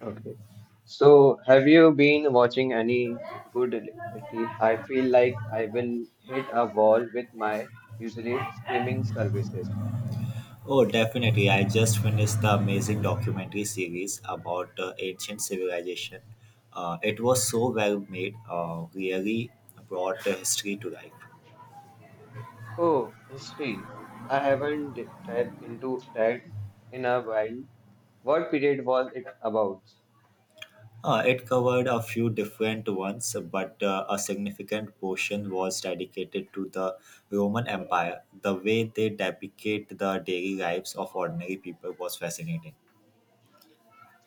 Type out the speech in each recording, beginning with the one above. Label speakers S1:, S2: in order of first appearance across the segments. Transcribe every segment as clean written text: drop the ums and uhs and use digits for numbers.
S1: Okay. So, have you been watching any good lately? I feel like I will hit a wall with my usually streaming services.
S2: Oh, definitely. I just finished the amazing documentary series about ancient civilization. It was so well made, really brought the history to life.
S1: Oh, history. I haven't dived into that in a while. What period was it about?
S2: It covered a few different ones, but a significant portion was dedicated to the Roman Empire. The way they depicted the daily lives of ordinary people was fascinating.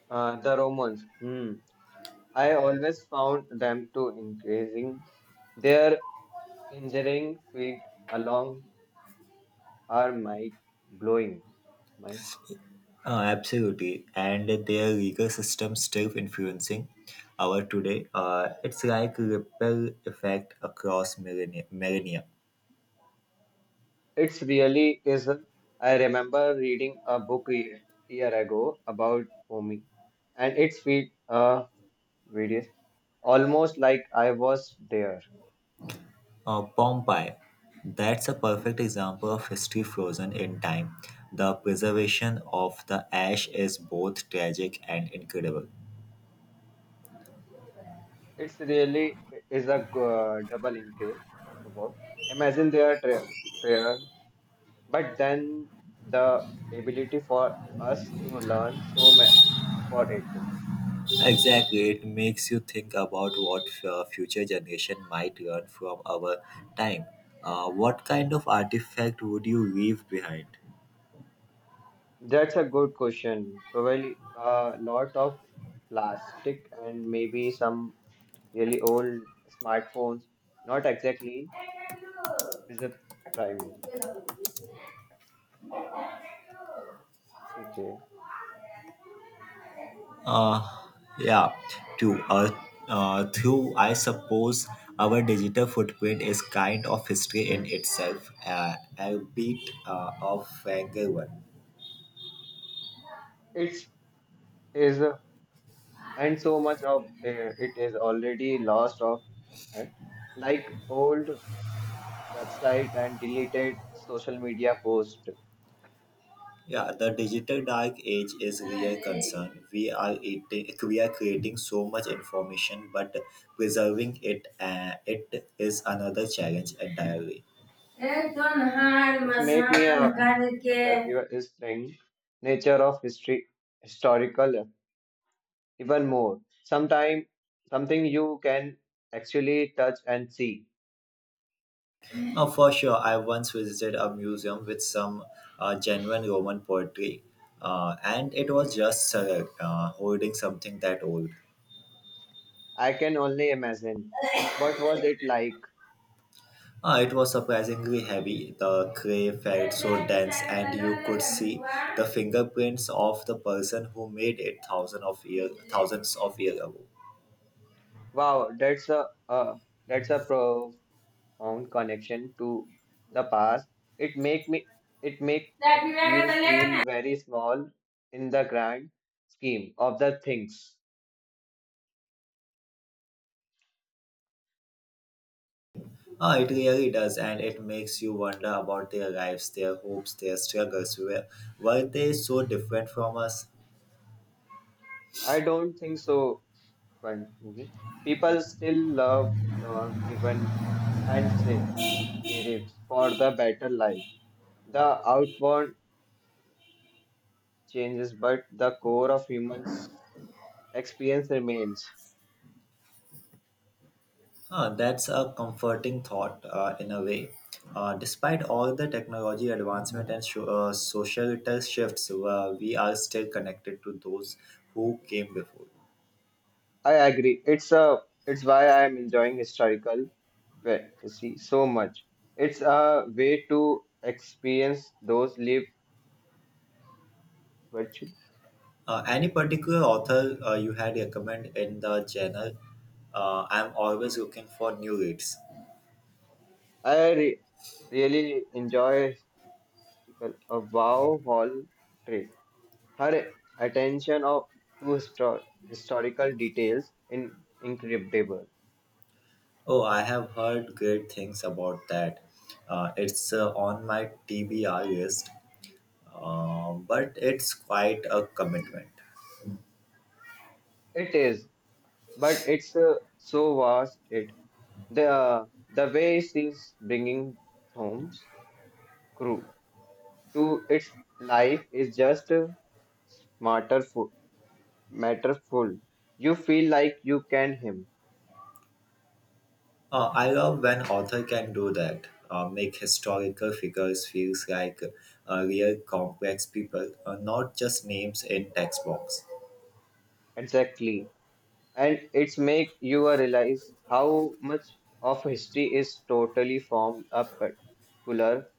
S1: The Romans. Hmm. I always found them to increasing. Their engineering feat along are mind blowing.
S2: Oh, absolutely. And their legal system still influencing our today. It's like ripple effect across millennia.
S1: It's really is. I remember reading a book a year ago about Omi, and it's feed videos almost like I was there.
S2: Pompeii. That's a perfect example of history frozen in time. The preservation of the ash is both tragic and incredible.
S1: It's really is a double income. About. Imagine their prayer, but then the ability for us to learn so much for it.
S2: Exactly, it makes you think about what future generation might learn from our time. What kind of artifact would you leave behind?
S1: That's a good question. Probably a lot of plastic and maybe some really old smartphones, not exactly is a prime. Okay,
S2: Uh, yeah, true. Through, I suppose our digital footprint is kind of history in itself, a bit of vanger one.
S1: it's is a, and so much of it is already lost of and like old website and deleted social media post,
S2: Yeah, the digital dark age is real concern. We are eating, we are creating so much information, but preserving it, it is another challenge entirely.
S1: which make me a attractive is thing nature of history historical even more. Sometime something you can actually touch and see.
S2: Oh, for sure. I once visited a museum with some genuine Roman poetry, and it was just holding something that old.
S1: I can only imagine what was it like.
S2: It was surprisingly heavy. The clay felt so dense, and you could see the fingerprints of the person who made it thousands of years ago.
S1: Wow, that's a profound connection to the past. It make me it make you feel very small in the grand scheme of the things.
S2: It really does, and it makes you wonder about their lives, their hopes, their struggles. Were they so different from us?
S1: I don't think so. But people still love Lord given and spirits for the better life. The outward changes, but the core of humans experience remains.
S2: Ah, that's a comforting thought in a way. Despite all the technology advancement and societal shifts, we are still connected to those who came before.
S1: I agree. It's why I am enjoying historical fantasy so much. It's a way to experience those live virtually.
S2: Any particular author you had recommend in the genre? I'm always looking for new reads.
S1: I re- really enjoy a wow hall trip. Her attention of, to historical details in incredible.
S2: Oh, I have heard great things about that. It's on my TBR list, but it's quite a commitment.
S1: It is, but it's so vast. It the way she's bringing Holmes crew to its life is just smarter matterful. You feel like you can him.
S2: I love when author can do that, make historical figures feels like real complex people, not just names in textbooks.
S1: Exactly. And it's make you realize how much of history is totally from a particular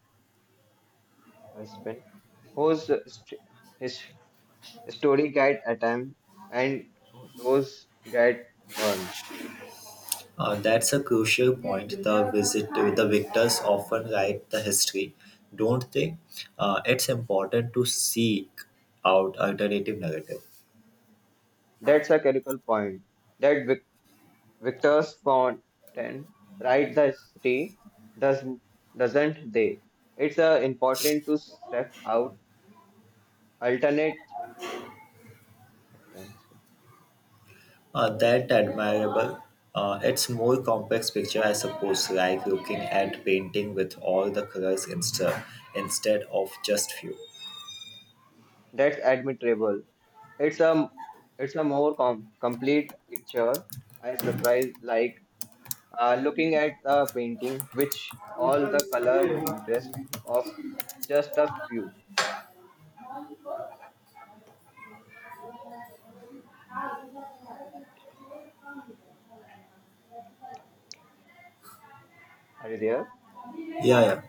S1: husband whose his story get attempt and those get burned.
S2: That's a crucial point. The victors often write the history, don't they? It's important to seek out alternative narrative.
S1: That's a critical point that Victor's Fountain write the history does doesn't they? It's important to step out alternate Attention.
S2: That admirable. It's more complex picture, I suppose, like looking at painting with all the colors instead of just few.
S1: That's admirable. It's a it's a more complete picture. I surprised like looking at the painting, which all the color and interest of just a few are there
S2: Yeah, yeah,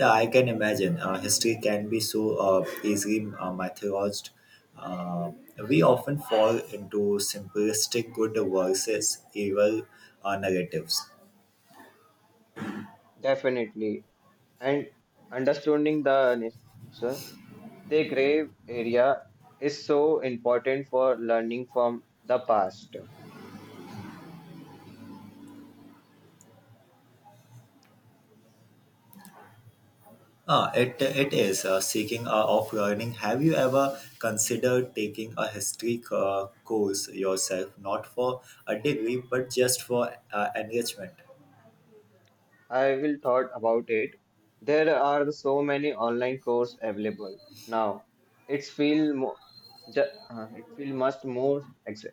S2: yeah. I can imagine. History can be so easily mythologized. Uh, we often fall into simplistic good versus evil narratives.
S1: definitely, and understanding the nature, the grave area is so important for learning from the past.
S2: It is. Seeking off learning, have you ever considered taking a history course yourself, not for a degree, but just for engagement?
S1: I will thought about it. There are so many online course available now. It's feel more, ju it feel much more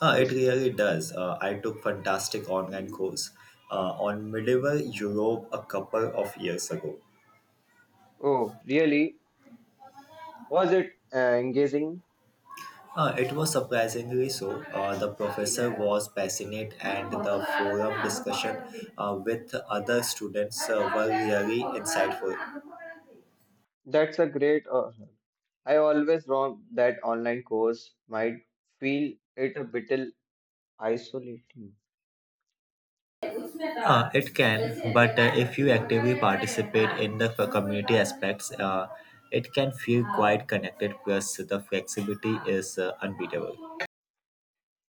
S2: It
S1: ambition.
S2: really does. I took fantastic online course on medieval Europe a couple of years ago.
S1: Oh, really? Was it engaging?
S2: It was surprisingly so. The professor was passionate, and the forum discussion with other students were really insightful.
S1: That's a great. I always thought that online course might feel it a bit isolating.
S2: It can, but if you actively participate in the community aspects, it can feel quite connected. Plus, the flexibility is unbeatable.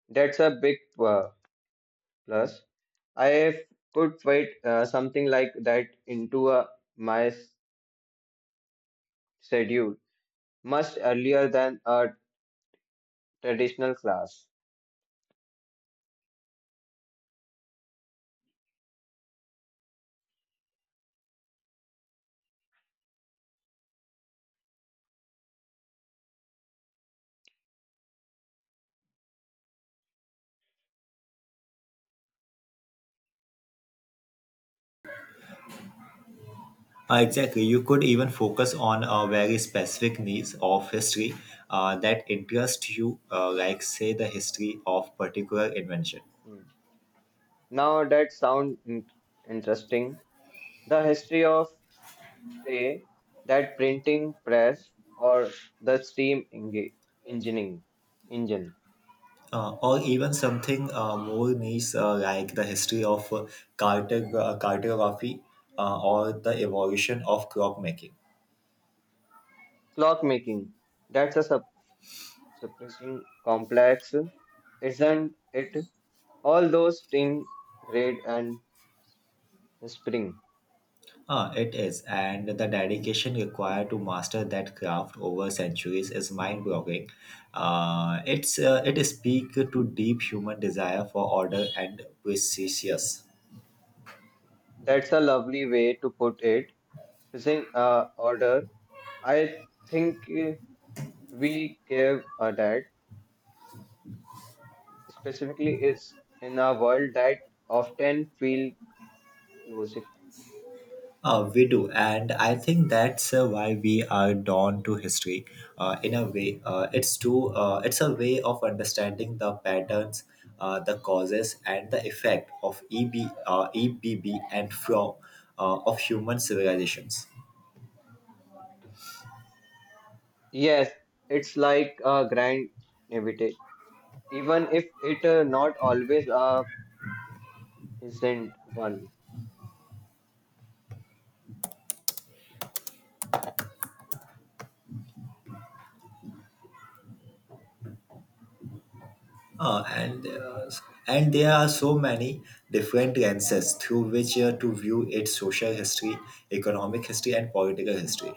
S1: That's a big plus. I could fit something like that into my schedule. Much earlier than a traditional class.
S2: Exactly, you could even focus on a very specific niche of history that interests you, like say the history of particular invention.
S1: Hmm. Now that sounds interesting. The history of, say, that printing press or the steam engineering engine,
S2: Or even something more niche like the history of cartography or the evolution of crop making.
S1: clock making. That's a suppressing complex, isn't it? All those things, grade and spring.
S2: It is, and the dedication required to master that craft over centuries is mind-boggling. It speaks to deep human desire for order and precious.
S1: That's a lovely way to put it. Using order, I think we gave a that. Specifically is in a world that often feel losing.
S2: We do, and I think that's why we are drawn to history. In a way, it's a way of understanding the patterns, the causes, and the effect of EBB and flaw of human civilizations.
S1: Yes, it's like a grand naivete, even if it not always a isn't one.
S2: Uh, and uh, and there are so many different lenses through which to view its social history, economic history, and political history.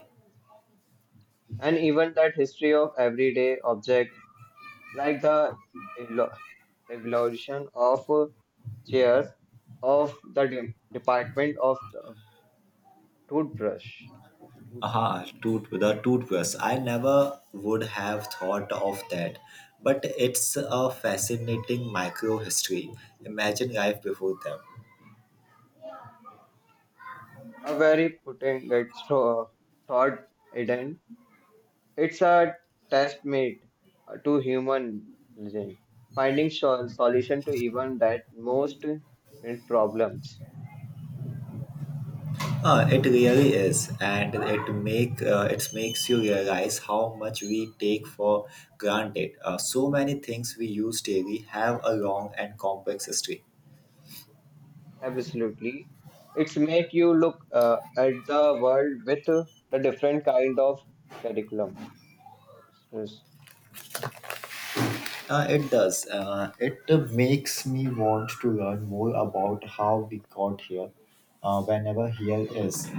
S1: And even that history of everyday object, like the elo- evolution of chairs, of the department of the toothbrush,
S2: Aha, tooth the toothbrush. I never would have thought of that, but it's a fascinating micro history. Imagine life before them.
S1: a very potent thought hidden. It's a testament to human reason, finding solution to even that most current problems.
S2: It really is, and it makes you realize how much we take for granted. So many things we use daily have a long and complex history.
S1: Absolutely, it's make you look at the world with the different kind of curriculum. Yes,
S2: It does. It makes me want to learn more about how we got here, whenever here is.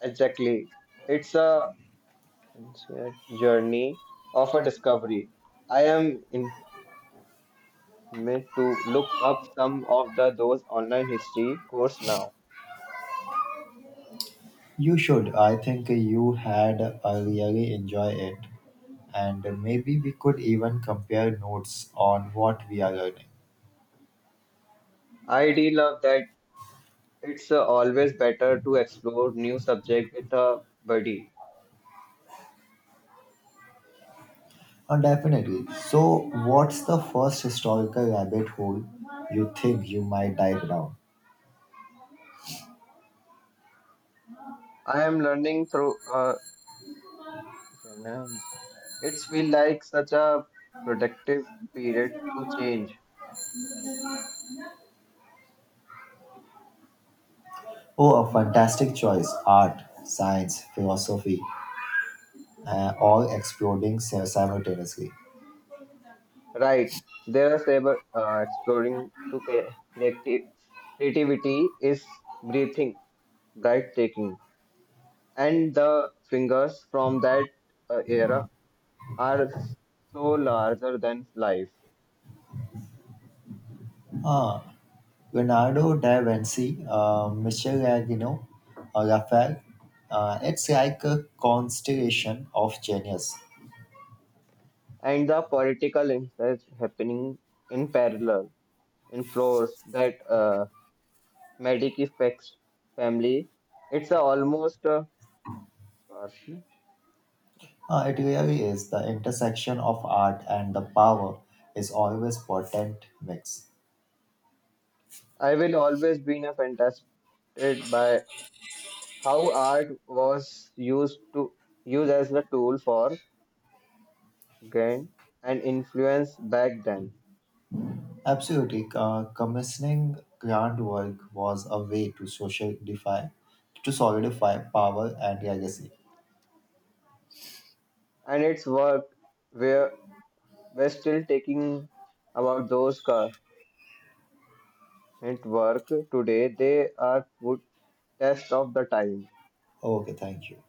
S1: exactly. It's a it's a journey of a discovery. I am in meant to look up some of the those online history course now.
S2: You should. I think you had really enjoy it, and maybe we could even compare notes on what we are learning.
S1: I do love that. It's always better to explore new subject with a buddy.
S2: Definitely. So, what's the first historical rabbit hole you think you might dive down?
S1: I am learning through finance. It's feel like such a productive period to change.
S2: Oh, a fantastic choice. Art, science, philosophy, all exploding simultaneously.
S1: Right. There are several exploring to creative creativity is breathing, right taking, and the fingers from that era are so larger than life,
S2: Leonardo da Vinci, Michelangelo, Raphael. It's like a constellation of genius.
S1: and the political insights happening in parallel. In floors that medic effects family. It's a almost.
S2: It really is. The intersection of art and the power is always potent mix.
S1: I will always be in a fantastic by how art was used to used as a tool for gain and influence back then,
S2: Absolutely, commissioning grand work was a way to solidify power and legacy.
S1: and its work where we're still taking about those current work today. They are good test of the time.
S2: Okay, thank you.